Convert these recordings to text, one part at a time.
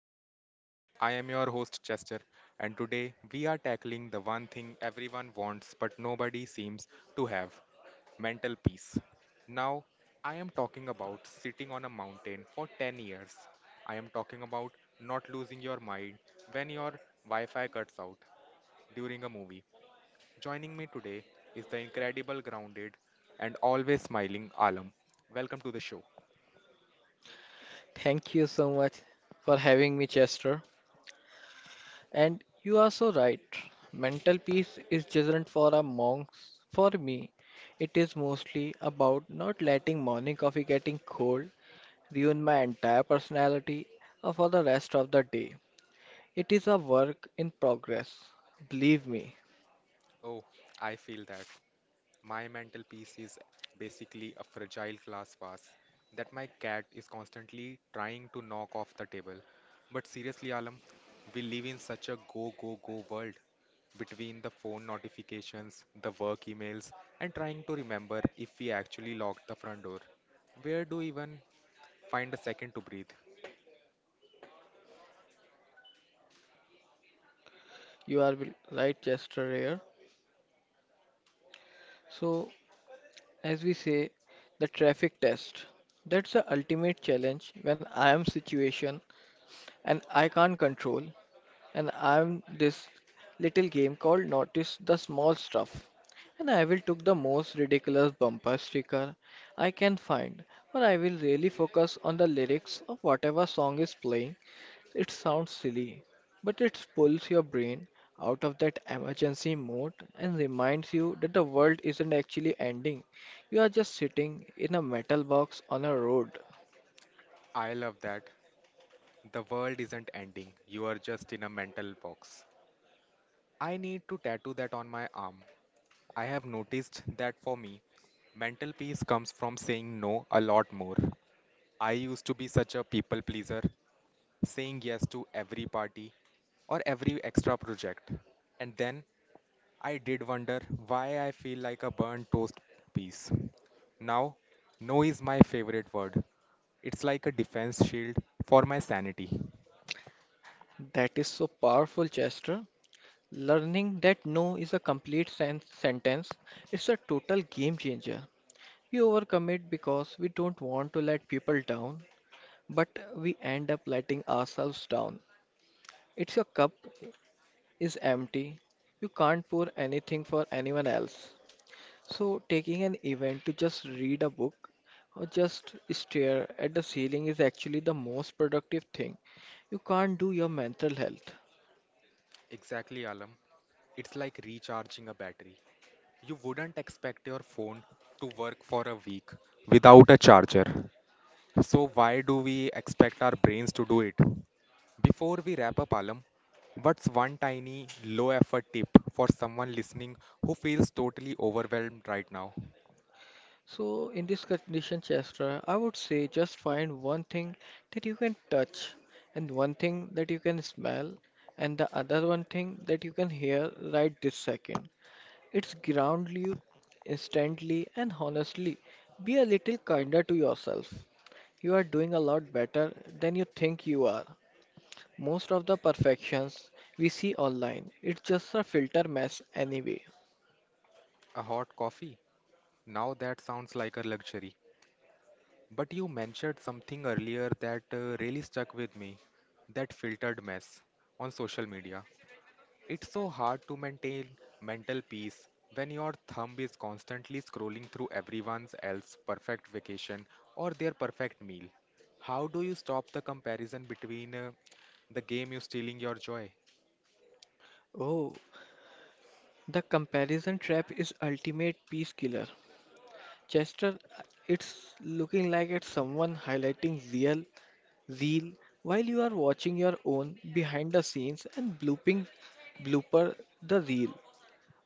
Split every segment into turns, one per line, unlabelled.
Mastering Zen. I am your host Chester, and today we are tackling the one thing everyone wants but nobody seems to have mental peace. Now, I am talking about sitting on a mountain for 10 years. I am talking about not losing your mind when your Wi Fi cuts out during a movie. Joining me today is the incredible, grounded, and always smiling Alam. Welcome to the show.
Thank you so much for having me, Chester. And you are so right. Mental peace is different for a monk. For me, it is mostly about not letting morning coffee getting cold ruin my entire personality or for the rest of the day. It is a work in progress. Believe me,
Oh, I feel that. My mental peace is basically a fragile glass vase that my cat is constantly trying to knock off the table. But seriously, Alam, we live in such a go, go, go world between the phone notifications, the work emails, and trying to remember if we actually locked the front door. Where do we even find a second to breathe?
you are right, Chester here. So, as we say, the traffic test. That's the ultimate challenge when I am situation and I can't control and I'm this little game called Notice the Small Stuff. And I will took the most ridiculous bumper sticker I can find, or I will really focus on the lyrics of whatever song is playing. It sounds silly, but it pulls your brain out of that emergency mode and reminds you that the world isn't actually ending. You are just sitting in a metal box on a road.
I love that. The world isn't ending, you are just in a mental box. I need to tattoo that on my arm. I have noticed that for me, mental peace comes from saying no a lot more. I used to be such a people pleaser, saying yes to every party or every extra project. And then I did wonder why I feel like a burnt toast piece. Now, no is my favorite word. It's like a defense shield for my sanity.
That is so powerful, Chester. Learning that no is a complete sentence, it's a total game changer. We overcommit because we don't want to let people down, but we end up letting ourselves down. It's your cup is empty. You can't pour anything for anyone else. So taking an event to just read a book or just stare at the ceiling is actually the most productive thing you can't do your mental health.
Exactly, Alam. It's like recharging a battery. You wouldn't expect your phone to work for a week without a charger. So, why do we expect our brains to do it? Before we wrap up, Alam, what's one tiny low effort tip for someone listening who feels totally overwhelmed right now?
So, in this condition, Chestra, I would say just find one thing that you can touch, and one thing that you can smell, and the other one thing that you can hear right this second. It's ground you instantly and honestly. Be a little kinder to yourself. You are doing a lot better than you think you are. Most of the perfections we see online, it's just a filter mess anyway.
A hot coffee? Now that sounds like a luxury. But you mentioned something earlier that really stuck with me that filtered mess on social media. It's so hard to maintain mental peace when your thumb is constantly scrolling through everyone else's perfect vacation or their perfect meal. How do you stop the comparison between the game you stealing your joy,
Oh, the comparison trap is ultimate peace killer. Chester, it's looking like it's someone highlighting zeal while you are watching your own behind the scenes and blooping blooper the reel.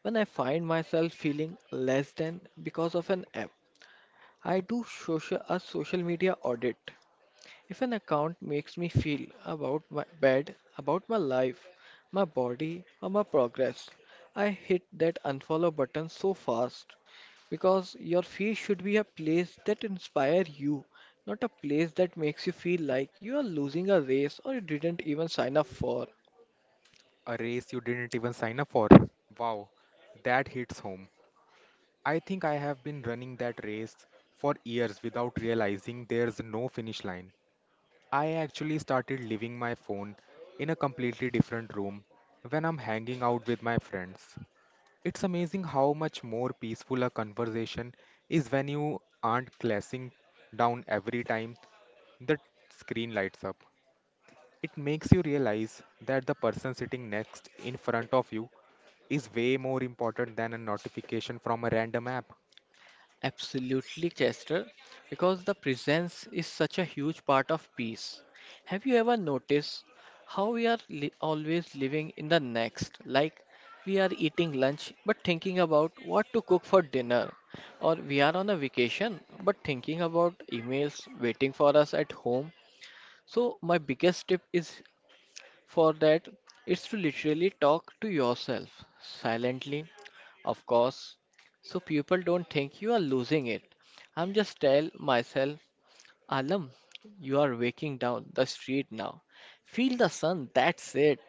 When I find myself feeling less than because of an app, I do social media audit. If an account makes me feel about my bad about my life, my body, or my progress, I hit that unfollow button so fast because your feed should be a place that inspires you, not a place that makes you feel like you are losing a race or you didn't even sign up for.
a race you didn't even sign up for? Wow, that hits home. I think I have been running that race for years without realizing there's no finish line. I actually started leaving my phone in a completely different room when I'm hanging out with my friends. It's amazing how much more peaceful a conversation is when you aren't glassing down every time the screen lights up. It makes you realize that the person sitting next in front of you is way more important than a notification from a random app.
Absolutely, Chester, because the presence is such a huge part of peace. Have you ever noticed how we are always living in the next? Like we are eating lunch but thinking about what to cook for dinner, or we are on a vacation but thinking about emails waiting for us at home. So, my biggest tip is for that, it's to literally talk to yourself silently, of course, so people don't think you are losing it. I'm just tell myself, Alam, you are waking down the street now. Feel the sun, that's it.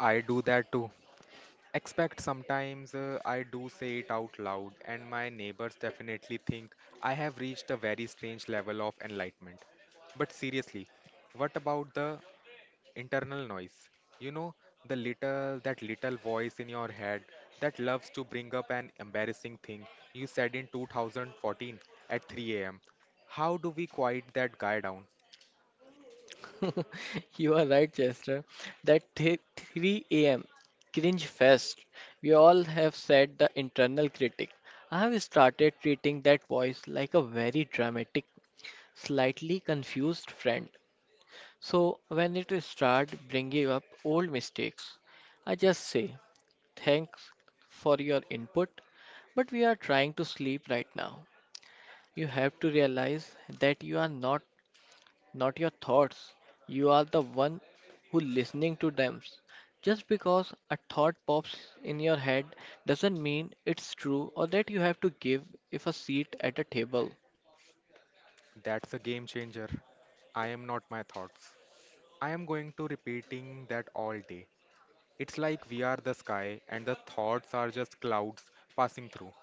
I do that too. Expect sometimes I do say it out loud, and my neighbors definitely think I have reached a very strange level of enlightenment. But seriously, what about the internal noise? You know, that little voice in your head that loves to bring up an embarrassing thing you said in 2014 at 3 am. How do we quiet that guy down?
You are right, Chester. That 3 a.m. cringe fest. We all have said the internal critic. I have started treating that voice like a very dramatic, slightly confused friend. So when it start bringing up old mistakes, I just say thanks for your input, but we are trying to sleep right now. You have to realize that you are not your thoughts. You are the one who listening to them. Just because a thought pops in your head doesn't mean it's true or that you have to give if a seat at a table.
That's a game changer. I am not my thoughts. I am going to repeating that all day. It's like we are the sky and the thoughts are just clouds passing through.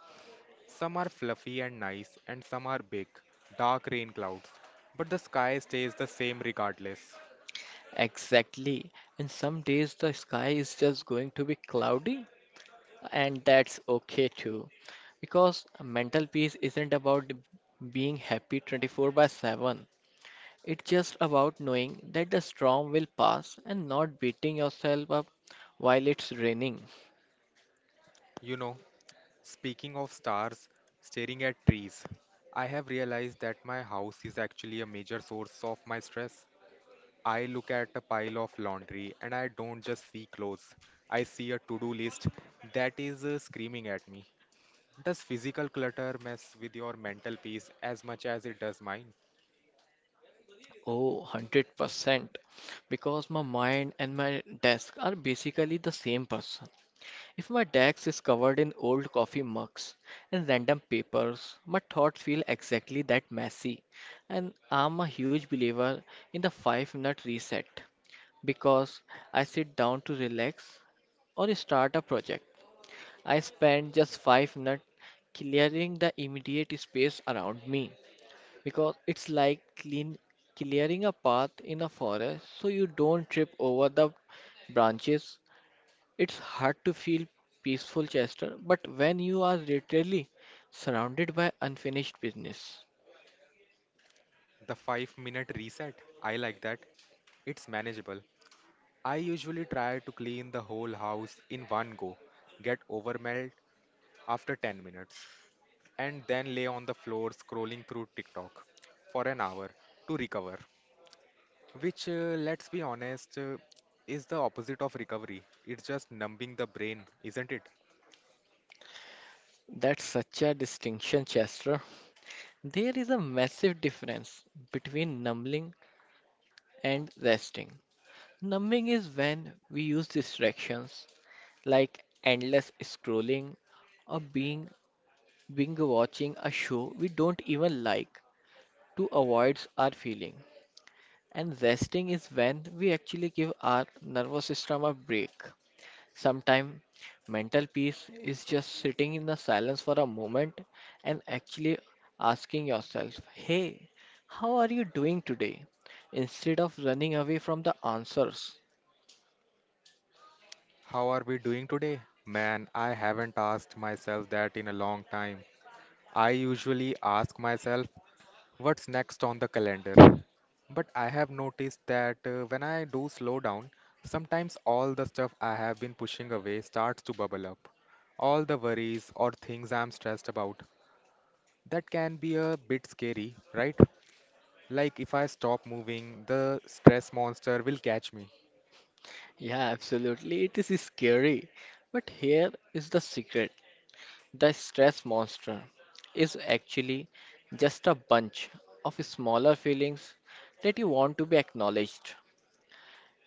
Some are fluffy and nice and some are big, dark rain clouds. But the sky stays the same regardless.
Exactly. And some days the sky is just going to be cloudy and that's okay too because mental peace isn't about being happy 24 by 7. It's just about knowing that the storm will pass and not beating yourself up while it's raining.
You know, speaking of stars staring at trees, I have realized that my house is actually a major source of my stress. I look at a pile of laundry and I don't just see clothes. I see a to-do list that is screaming at me. Does physical clutter mess with your mental peace as much as it does mine?
Oh, 100%, because my mind and my desk are basically the same person. If my desk is covered in old coffee mugs and random papers, my thoughts feel exactly that messy. And I'm a huge believer in the 5-minute reset, because I sit down to relax or start a project. I spend just 5 minutes clearing the immediate space around me, because it's like clean clearing a path in a forest so you don't trip over the branches. It's hard to feel peaceful, Chester, but when you are literally surrounded by unfinished business.
The five-minute reset, I like that. It's manageable. I usually try to clean the whole house in one go, get overwhelmed after 10 minutes and then lay on the floor scrolling through TikTok for an hour to recover. Which, let's be honest, is the opposite of recovery. It's just numbing the brain, isn't it?
That's such a distinction, Chester. There is a massive difference between numbing and resting. Numbing is when we use distractions like endless scrolling or being watching a show we don't even like to avoid our feeling. And resting is when we actually give our nervous system a break. Sometimes mental peace is just sitting in the silence for a moment and actually asking yourself, "Hey, how are you doing today?" instead of running away from the answers.
How are we doing today? Man, I haven't asked myself that in a long time. I usually ask myself, what's next on the calendar. But I have noticed that when I do slow down, sometimes all the stuff I have been pushing away starts to bubble up. All the worries or things I'm stressed about. That can be a bit scary, right? Like if I stop moving, the stress monster will catch me.
Yeah, absolutely. It is scary. But here is the secret. The stress monster is actually just a bunch of smaller feelings that you want to be acknowledged.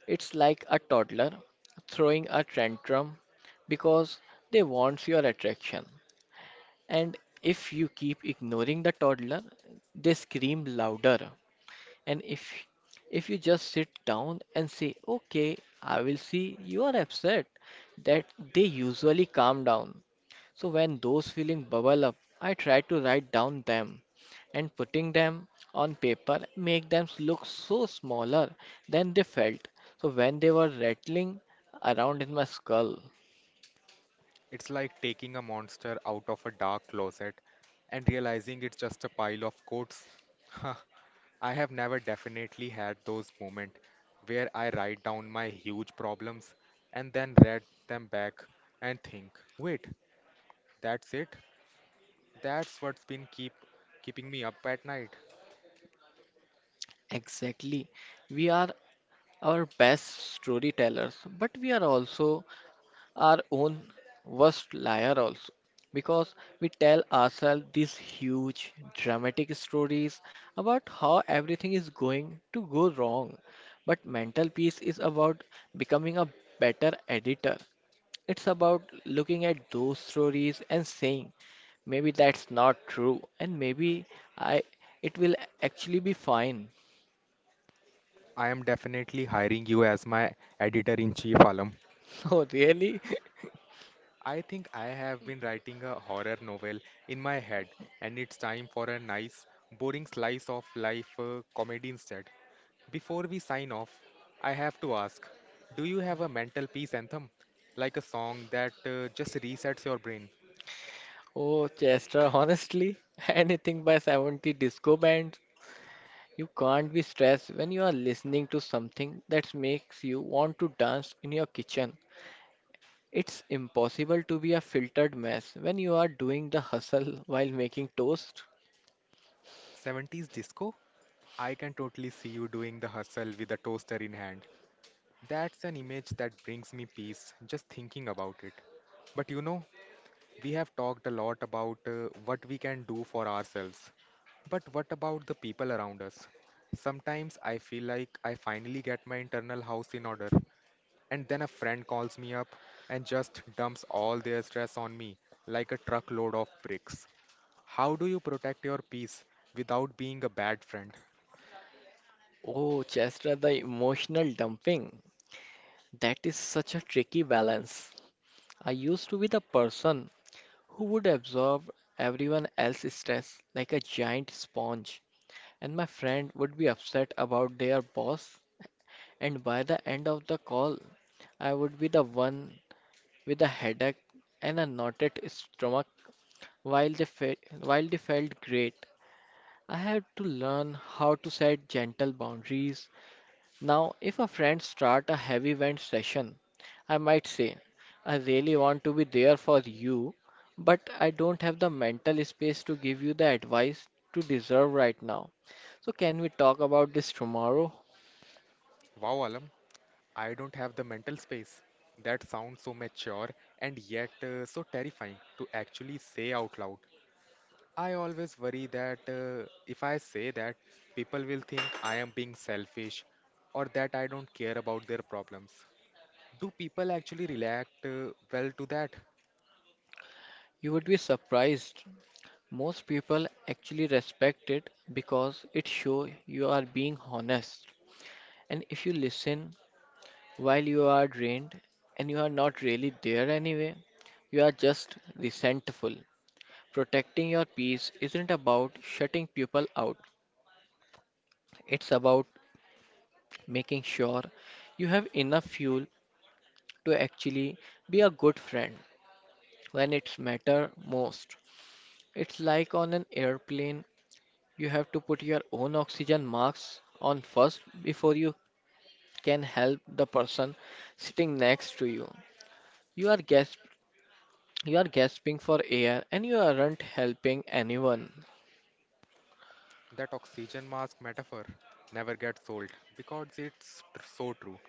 It's like a toddler throwing a tantrum because they want your attraction. And if you keep ignoring the toddler, they scream louder and if you just sit down and say, "Okay, I will see," you are upset that they usually calm down. So when those feelings bubble up, I try to write down them and putting them on paper make them look so smaller than they felt. So when they were rattling around in my skull.
It's like taking a monster out of a dark closet and realizing it's just a pile of coats. Huh. I have never definitely had those moments where I write down my huge problems and then read them back and think, wait, that's it? That's what's been keeping me up at night.
Exactly. We are our best storytellers, but we are also our own worst liar also, because we tell ourselves these huge dramatic stories about how everything is going to go wrong. But mental peace is about becoming a better editor. It's about looking at those stories and saying maybe that's not true and maybe I it will actually be fine.
I am definitely hiring you as my editor in chief, Alam.
Oh, really?
I think I have been writing a horror novel in my head, and it's time for a nice, boring slice of life comedy instead. Before we sign off, I have to ask do you have a mental peace anthem? Like a song that just resets your brain?
Oh, Chester, honestly, anything by 70s disco band. You can't be stressed when you are listening to something that makes you want to dance in your kitchen. It's impossible to be a filtered mess when you are doing the hustle while making toast.
70s disco? I can totally see you doing the hustle with a toaster in hand. That's an image that brings me peace just thinking about it. But you know, we have talked a lot about what we can do for ourselves, but what about the people around us? Sometimes I feel like I finally get my internal house in order, and then a friend calls me up and just dumps all their stress on me like a truckload of bricks. How do you protect your peace without being a bad friend?
Oh, Chester, the emotional dumping. That is such a tricky balance. I used to be the person who would absorb everyone else's stress like a giant sponge, and my friend would be upset about their boss. And by the end of the call, I would be the one with a headache and a knotted stomach while they felt great. I had to learn how to set gentle boundaries. Now, if a friend starts a heavy vent session, I might say, I really want to be there for you, but I don't have the mental space to give you the advice to deserve right now. So can we talk about this tomorrow?
Wow, Alam, I don't have the mental space. That sounds so mature and yet so terrifying to actually say out loud. I always worry that if I say that, people will think I am being selfish or that I don't care about their problems. Do people actually react well to that?
You would be surprised. Most people actually respect it because it shows you are being honest. And if you listen while you are drained and you are not really there anyway, you are just resentful. Protecting your peace isn't about shutting people out, it's about making sure you have enough fuel to actually be a good friend when it's matter most. It's like on an airplane, you have to put your own oxygen masks on first before you can help the person sitting next to you. You are gas You are gasping for air and you aren't helping anyone.
That oxygen mask metaphor never gets old because it's so true.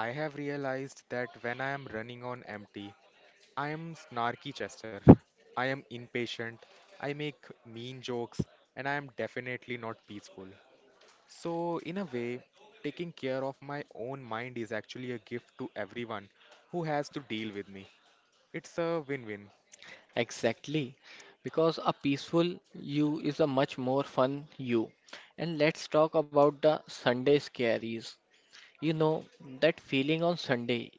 I have realized that when I am running on empty, I am snarky Chester. I am impatient, I make mean jokes, and I am definitely not peaceful. So, in a way, taking care of my own mind is actually a gift to everyone who has to deal with me. It's a win win.
Exactly. Because a peaceful you is a much more fun you. And let's talk about the Sunday scaries. You know, that feeling on Sunday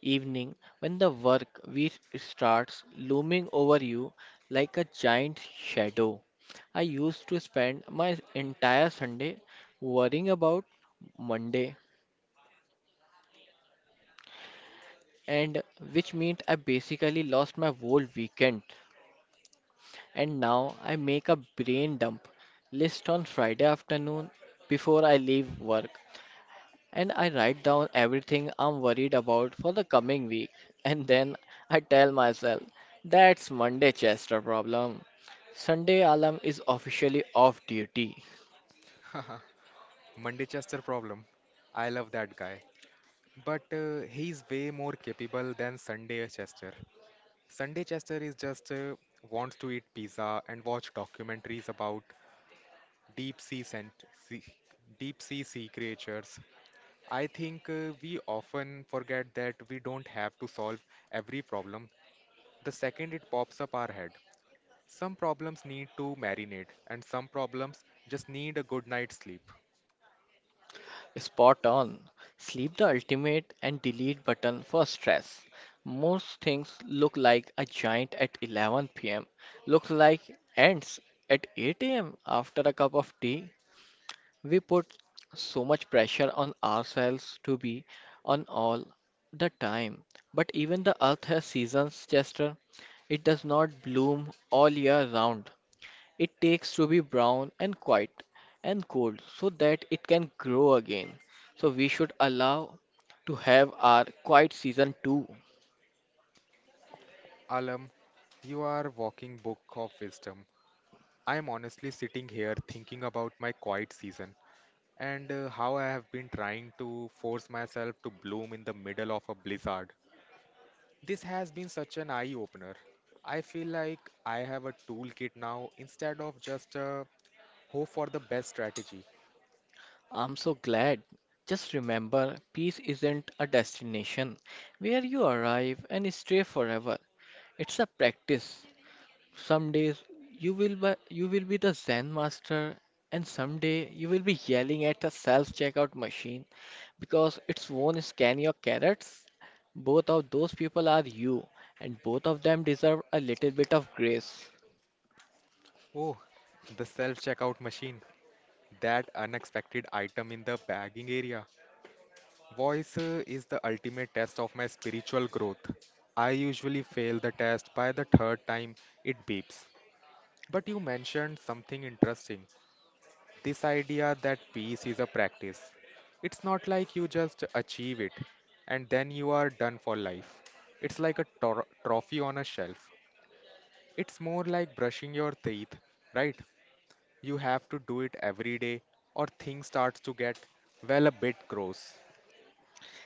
evening when the work week starts looming over you like a giant shadow. I used to spend my entire Sunday worrying about Monday, and which meant I basically lost my whole weekend. And now I make a brain dump list on Friday afternoon before I leave work. And I write down everything I'm worried about for the coming week. And then I tell myself, that's Monday Chester problem. Sunday alarm is officially off duty.
Monday Chester problem. I love that guy. But he's way more capable than Sunday Chester. Sunday Chester is just wants to eat pizza and watch documentaries about deep sea sent- sea, deep sea sea creatures. I think we often forget that we don't have to solve every problem the second it pops up our head. Some problems need to marinate, and some problems just need a good night's sleep.
Spot on. Sleep the ultimate and delete button for stress. Most things look like a giant at 11 p.m., look like ants at 8 a.m. after a cup of tea. We put so much pressure on ourselves to be on all the time. But even the earth has seasons, Chester. It does not bloom all year round. It takes to be brown and quiet and cold so that it can grow again. So we should allow to have our quiet season too.
Alam, you are walking book of wisdom. I am honestly sitting here thinking about my quiet season and how I have been trying to force myself to bloom in the middle of a blizzard. This has been such an eye opener. I feel like I have a toolkit now instead of just a hope for the best strategy.
I'm so glad. Just remember, peace isn't a destination where you arrive and stay forever. It's a practice. Some days you will be the Zen master, and someday you will be yelling at a self-checkout machine because it's won't scan your carrots. Both of those people are you, and both of them deserve a little bit of grace.
Oh, the self checkout machine. That unexpected item in the bagging area. Voice is the ultimate test of my spiritual growth. I usually fail the test by the third time it beeps. But you mentioned something interesting this idea that peace is a practice. It's not like you just achieve it and then you are done for life. It's like a trophy on a shelf. It's more like brushing your teeth, right? You have to do it every day or things starts to get well a bit gross.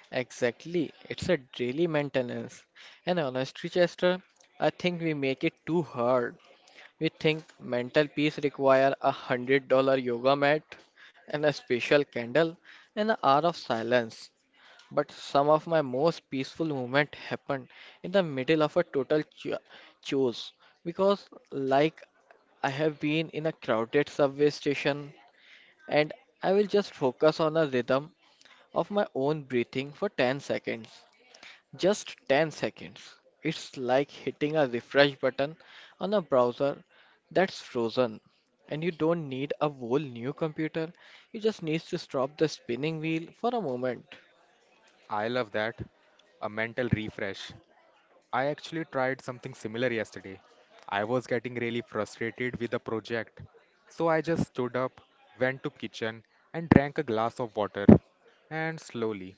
Exactly, it's a daily maintenance. And honestly, Chester, I think we make it too hard. We think mental peace require $100 yoga mat and a special candle and an hour of silence. But some of my most peaceful moments happened in the middle of a total chaos because, I have been in a crowded subway station and I will just focus on a rhythm of my own breathing for 10 seconds. Just 10 seconds. It's like hitting a refresh button on a browser that's frozen. And you don't need a whole new computer, you just need to stop the spinning wheel for a moment.
I love that. A mental refresh. I actually tried something similar yesterday. I was getting really frustrated with the project. So I just stood up, went to kitchen and drank a glass of water. And slowly,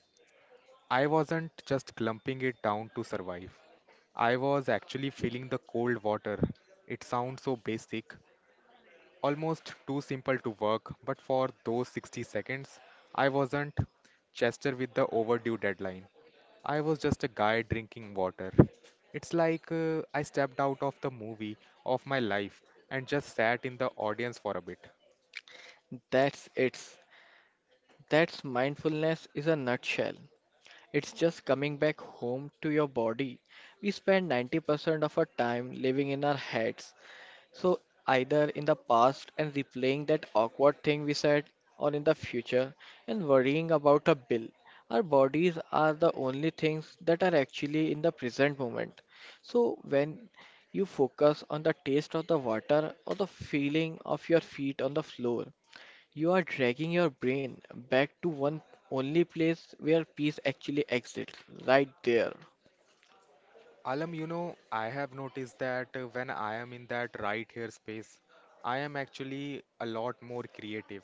I wasn't just glumping it down to survive. I was actually feeling the cold water. It sounds so basic, almost too simple to work, but for those 60 seconds, I wasn't Chester with the overdue deadline. I was just a guy drinking water. It's like I stepped out of the movie of my life and just sat in the audience for a bit.
That's it. That's mindfulness is a nutshell. It's just coming back home to your body. We spend 90% of our time living in our heads. So, either in the past and replaying that awkward thing we said, or in the future and worrying about a bill. Our bodies are the only things that are actually in the present moment. So, when you focus on the taste of the water or the feeling of your feet on the floor, you are dragging your brain back to one only place where peace actually exists, right there.
Alam, you know, I have noticed that when I am in that right here space, I am actually a lot more creative.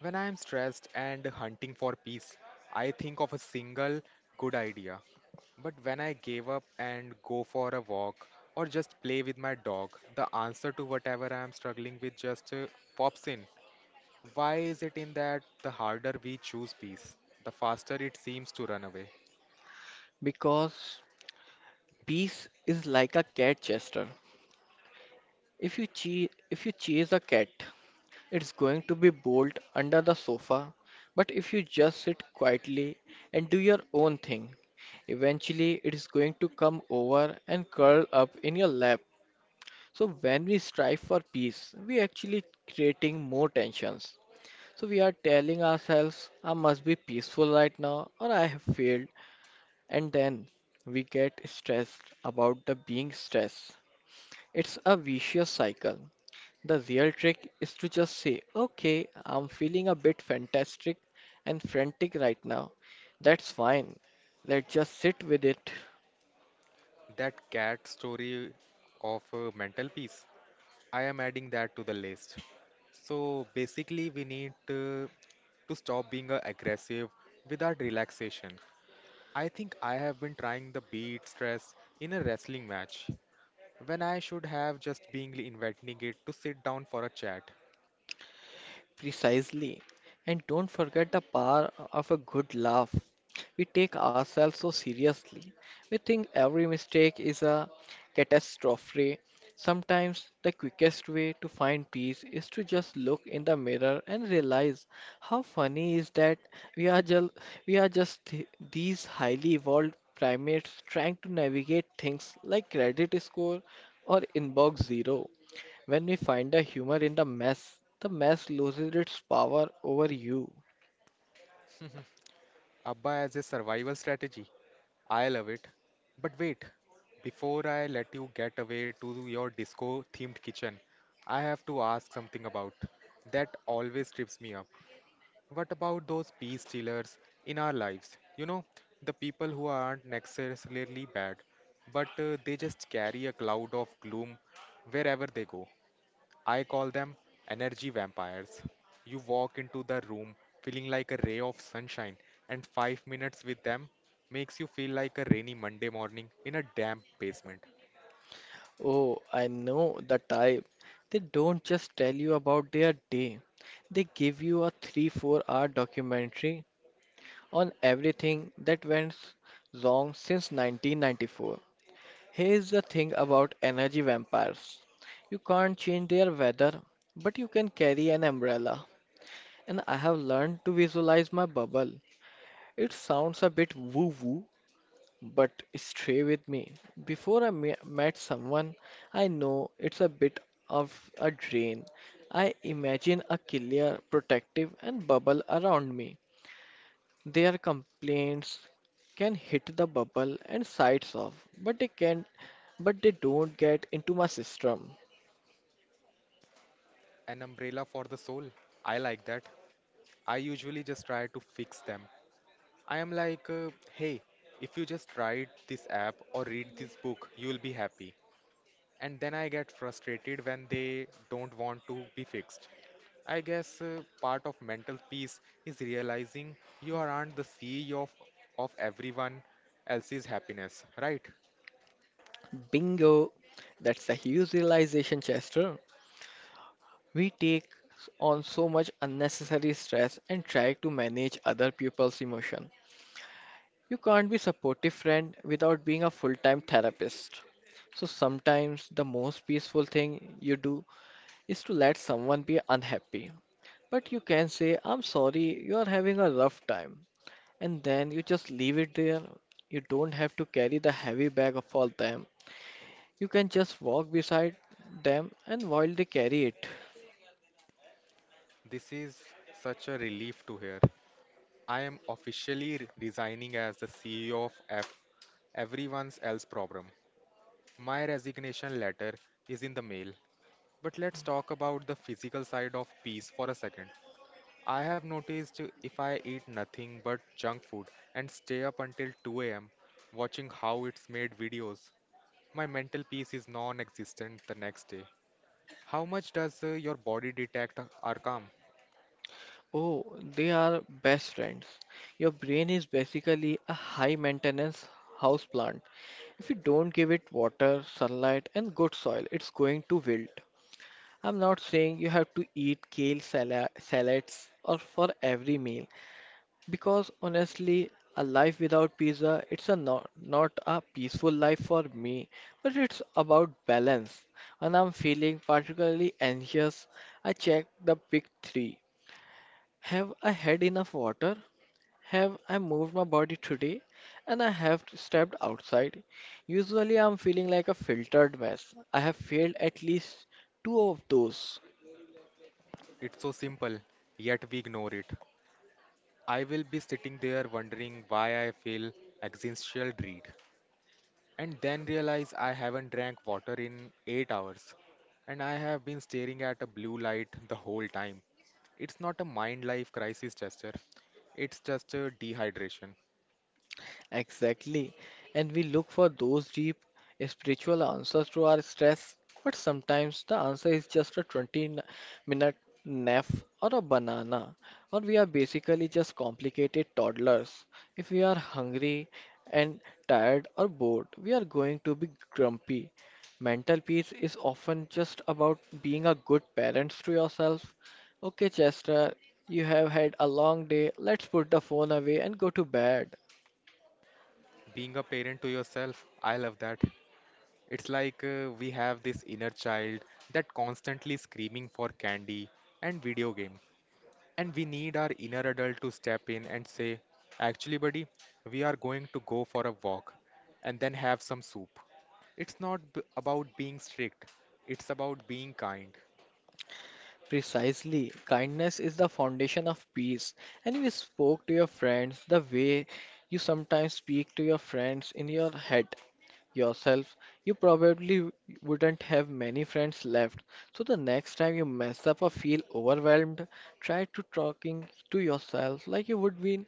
When I am stressed and hunting for peace, I think of a single good idea. But when I give up and go for a walk or just play with my dog, the answer to whatever I am struggling with just pops in. Why is it in that the harder we choose peace, the faster it seems to run away?
Because peace is like a cat chaser. If you chase a cat, it's going to be bolt under the sofa. But if you just sit quietly and do your own thing, eventually it is going to come over and curl up in your lap. So when we strive for peace, we actually creating more tensions. So we are telling ourselves, I must be peaceful right now or I have failed. And then we get stressed about the being stressed. It's a vicious cycle. The real trick is to just say, okay, I'm feeling a bit fantastic and frantic right now. That's fine. Let's just sit with it.
That cat story of mental peace, I am adding that to the list. So basically, we need to stop being aggressive without relaxation. I think I have been trying the beat stress in a wrestling match when I should have just been inviting it to sit down for a chat.
Precisely. And don't forget the power of a good laugh. We take ourselves so seriously. We think every mistake is a catastrophe. Sometimes the quickest way to find peace is to just look in the mirror and realize how funny is that we are just we are just these highly evolved primates trying to navigate things like credit score or inbox zero. When we find the humor in the mess loses its power over you.
Abba as a survival strategy. I love it. But wait, before I let you get away to your disco themed kitchen, I have to ask something about that always trips me up. What about those peace stealers in our lives? You know, the people who aren't necessarily bad, but they just carry a cloud of gloom wherever they go. I call them energy vampires. You walk into the room feeling like a ray of sunshine, and 5 minutes with them makes you feel like a rainy Monday morning in a damp basement.
Oh, I know the type. They don't just tell you about their day, they give you a 3 4 hour documentary on everything that went wrong since 1994. Here's the thing about energy vampires you can't change their weather, but you can carry an umbrella. And I have learned to visualize my bubble. It sounds a bit woo woo, but stay with me. Before I met someone, I know it's a bit of a drain. I imagine a killer, protective, and bubble around me. Their complaints can hit the bubble and sides off, but they can but they don't get into my system.
An umbrella for the soul. I like that. I usually just try to fix them. I am like, hey, if you just tried this app or read this book, you will be happy. And then I get frustrated when they don't want to be fixed. I guess part of mental peace is realizing you aren't the CEO of everyone else's happiness, right?
Bingo! That's a huge realization, Chester. We take on so much unnecessary stress and try to manage other people's emotion. You can't be supportive friend without being a full-time therapist. So sometimes the most peaceful thing you do is to let someone be unhappy. But you can say, "I'm sorry, you are having a rough time." And then you just leave it there. You don't have to carry the heavy bag of all them. You can just walk beside them and while they carry it.
This is such a relief to hear. I am officially resigning as the CEO of F, everyone's else problem. My resignation letter is in the mail. But let's talk about the physical side of peace for a second. I have noticed if I eat nothing but junk food and stay up until 2 a.m. watching how it's made videos, my mental peace is non existent the next day. How much does your body detect our calm?
Oh, they are best friends. Your brain is basically a high-maintenance houseplant. If you don't give it water, sunlight, and good soil, it's going to wilt. I'm not saying you have to eat salads or for every meal because honestly, a life without pizza it's a not, not a peaceful life for me, but it's about balance. When I'm feeling particularly anxious, I check the big 3. Have I had enough water? Have I moved my body today? And I have stepped outside. Usually I'm feeling like a filtered mess. I have failed at least two of those.
It's so simple, yet we ignore it. I will be sitting there wondering why I feel existential dread, and then realize I haven't drank water in 8 hours and I have been staring at a blue light the whole time. It's not a mind life crisis, Chester. It's just a dehydration.
Exactly. And we look for those deep spiritual answers to our stress, but sometimes the answer is just a minute nap or a banana, or we are basically just complicated toddlers. If we are hungry and tired or bored, we are going to be grumpy. Mental peace is often just about being a good parent to yourself. Okay, Chester, you have had a long day. Let's put the phone away and go to bed.
Being a parent to yourself, I love that. It's like we have this inner child that constantly screaming for candy and video game. And we need our inner adult to step in and say, actually, buddy, we are going to go for a walk and then have some soup. It's not about being strict, it's about being kind.
Precisely. Kindness is the foundation of peace. And you spoke to your friends the way you sometimes speak to your friends in your head yourself. You probably wouldn't have many friends left. So the next time you mess up or feel overwhelmed, try to talking to yourself like you would be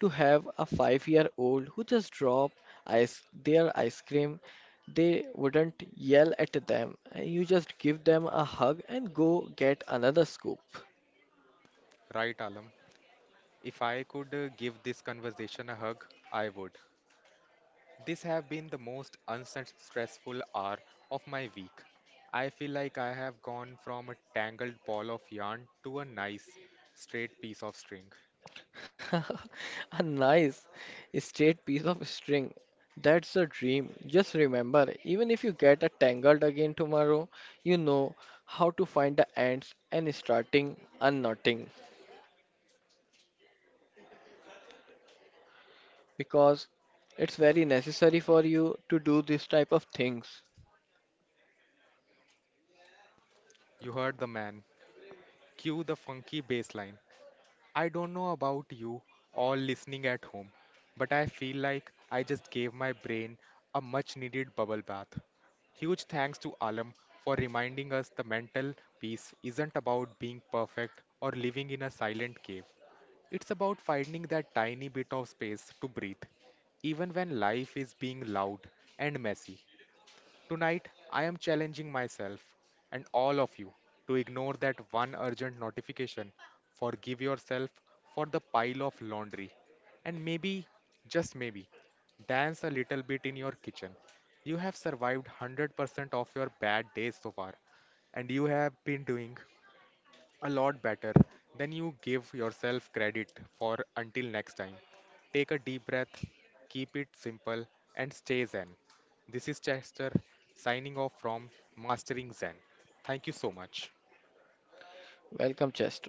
to have a 5 year old who just drop ice their ice cream they wouldn't yell at them. You just give them a hug and go get another scoop.
Right, Alam? If I could give this conversation a hug, I would. This have been the most unstressful hour of my week. I feel like I have gone from a tangled ball of yarn to a nice, straight piece of string.
A nice, straight piece of string. That's a dream. Just remember, even if you get a tangled again tomorrow, you know how to find the ends and starting unknotting because it's very necessary for you to do this type of things.
You heard the man. Cue the funky bass line. I don't know about you all listening at home, but I feel like I just gave my brain a much needed bubble bath. Huge thanks to Alam for reminding us the mental peace isn't about being perfect or living in a silent cave. It's about finding that tiny bit of space to breathe, even when life is being loud and messy. Tonight, I am challenging myself and all of you to ignore that one urgent notification, forgive yourself for the pile of laundry, and maybe, just maybe, dance a little bit in your kitchen. You have survived 100% of your bad days so far, and you have been doing a lot better than you give yourself credit for until next time. Take a deep breath, keep it simple, and stay Zen. This is Chester signing off from Mastering Zen. Thank you so much.
Welcome, Chester.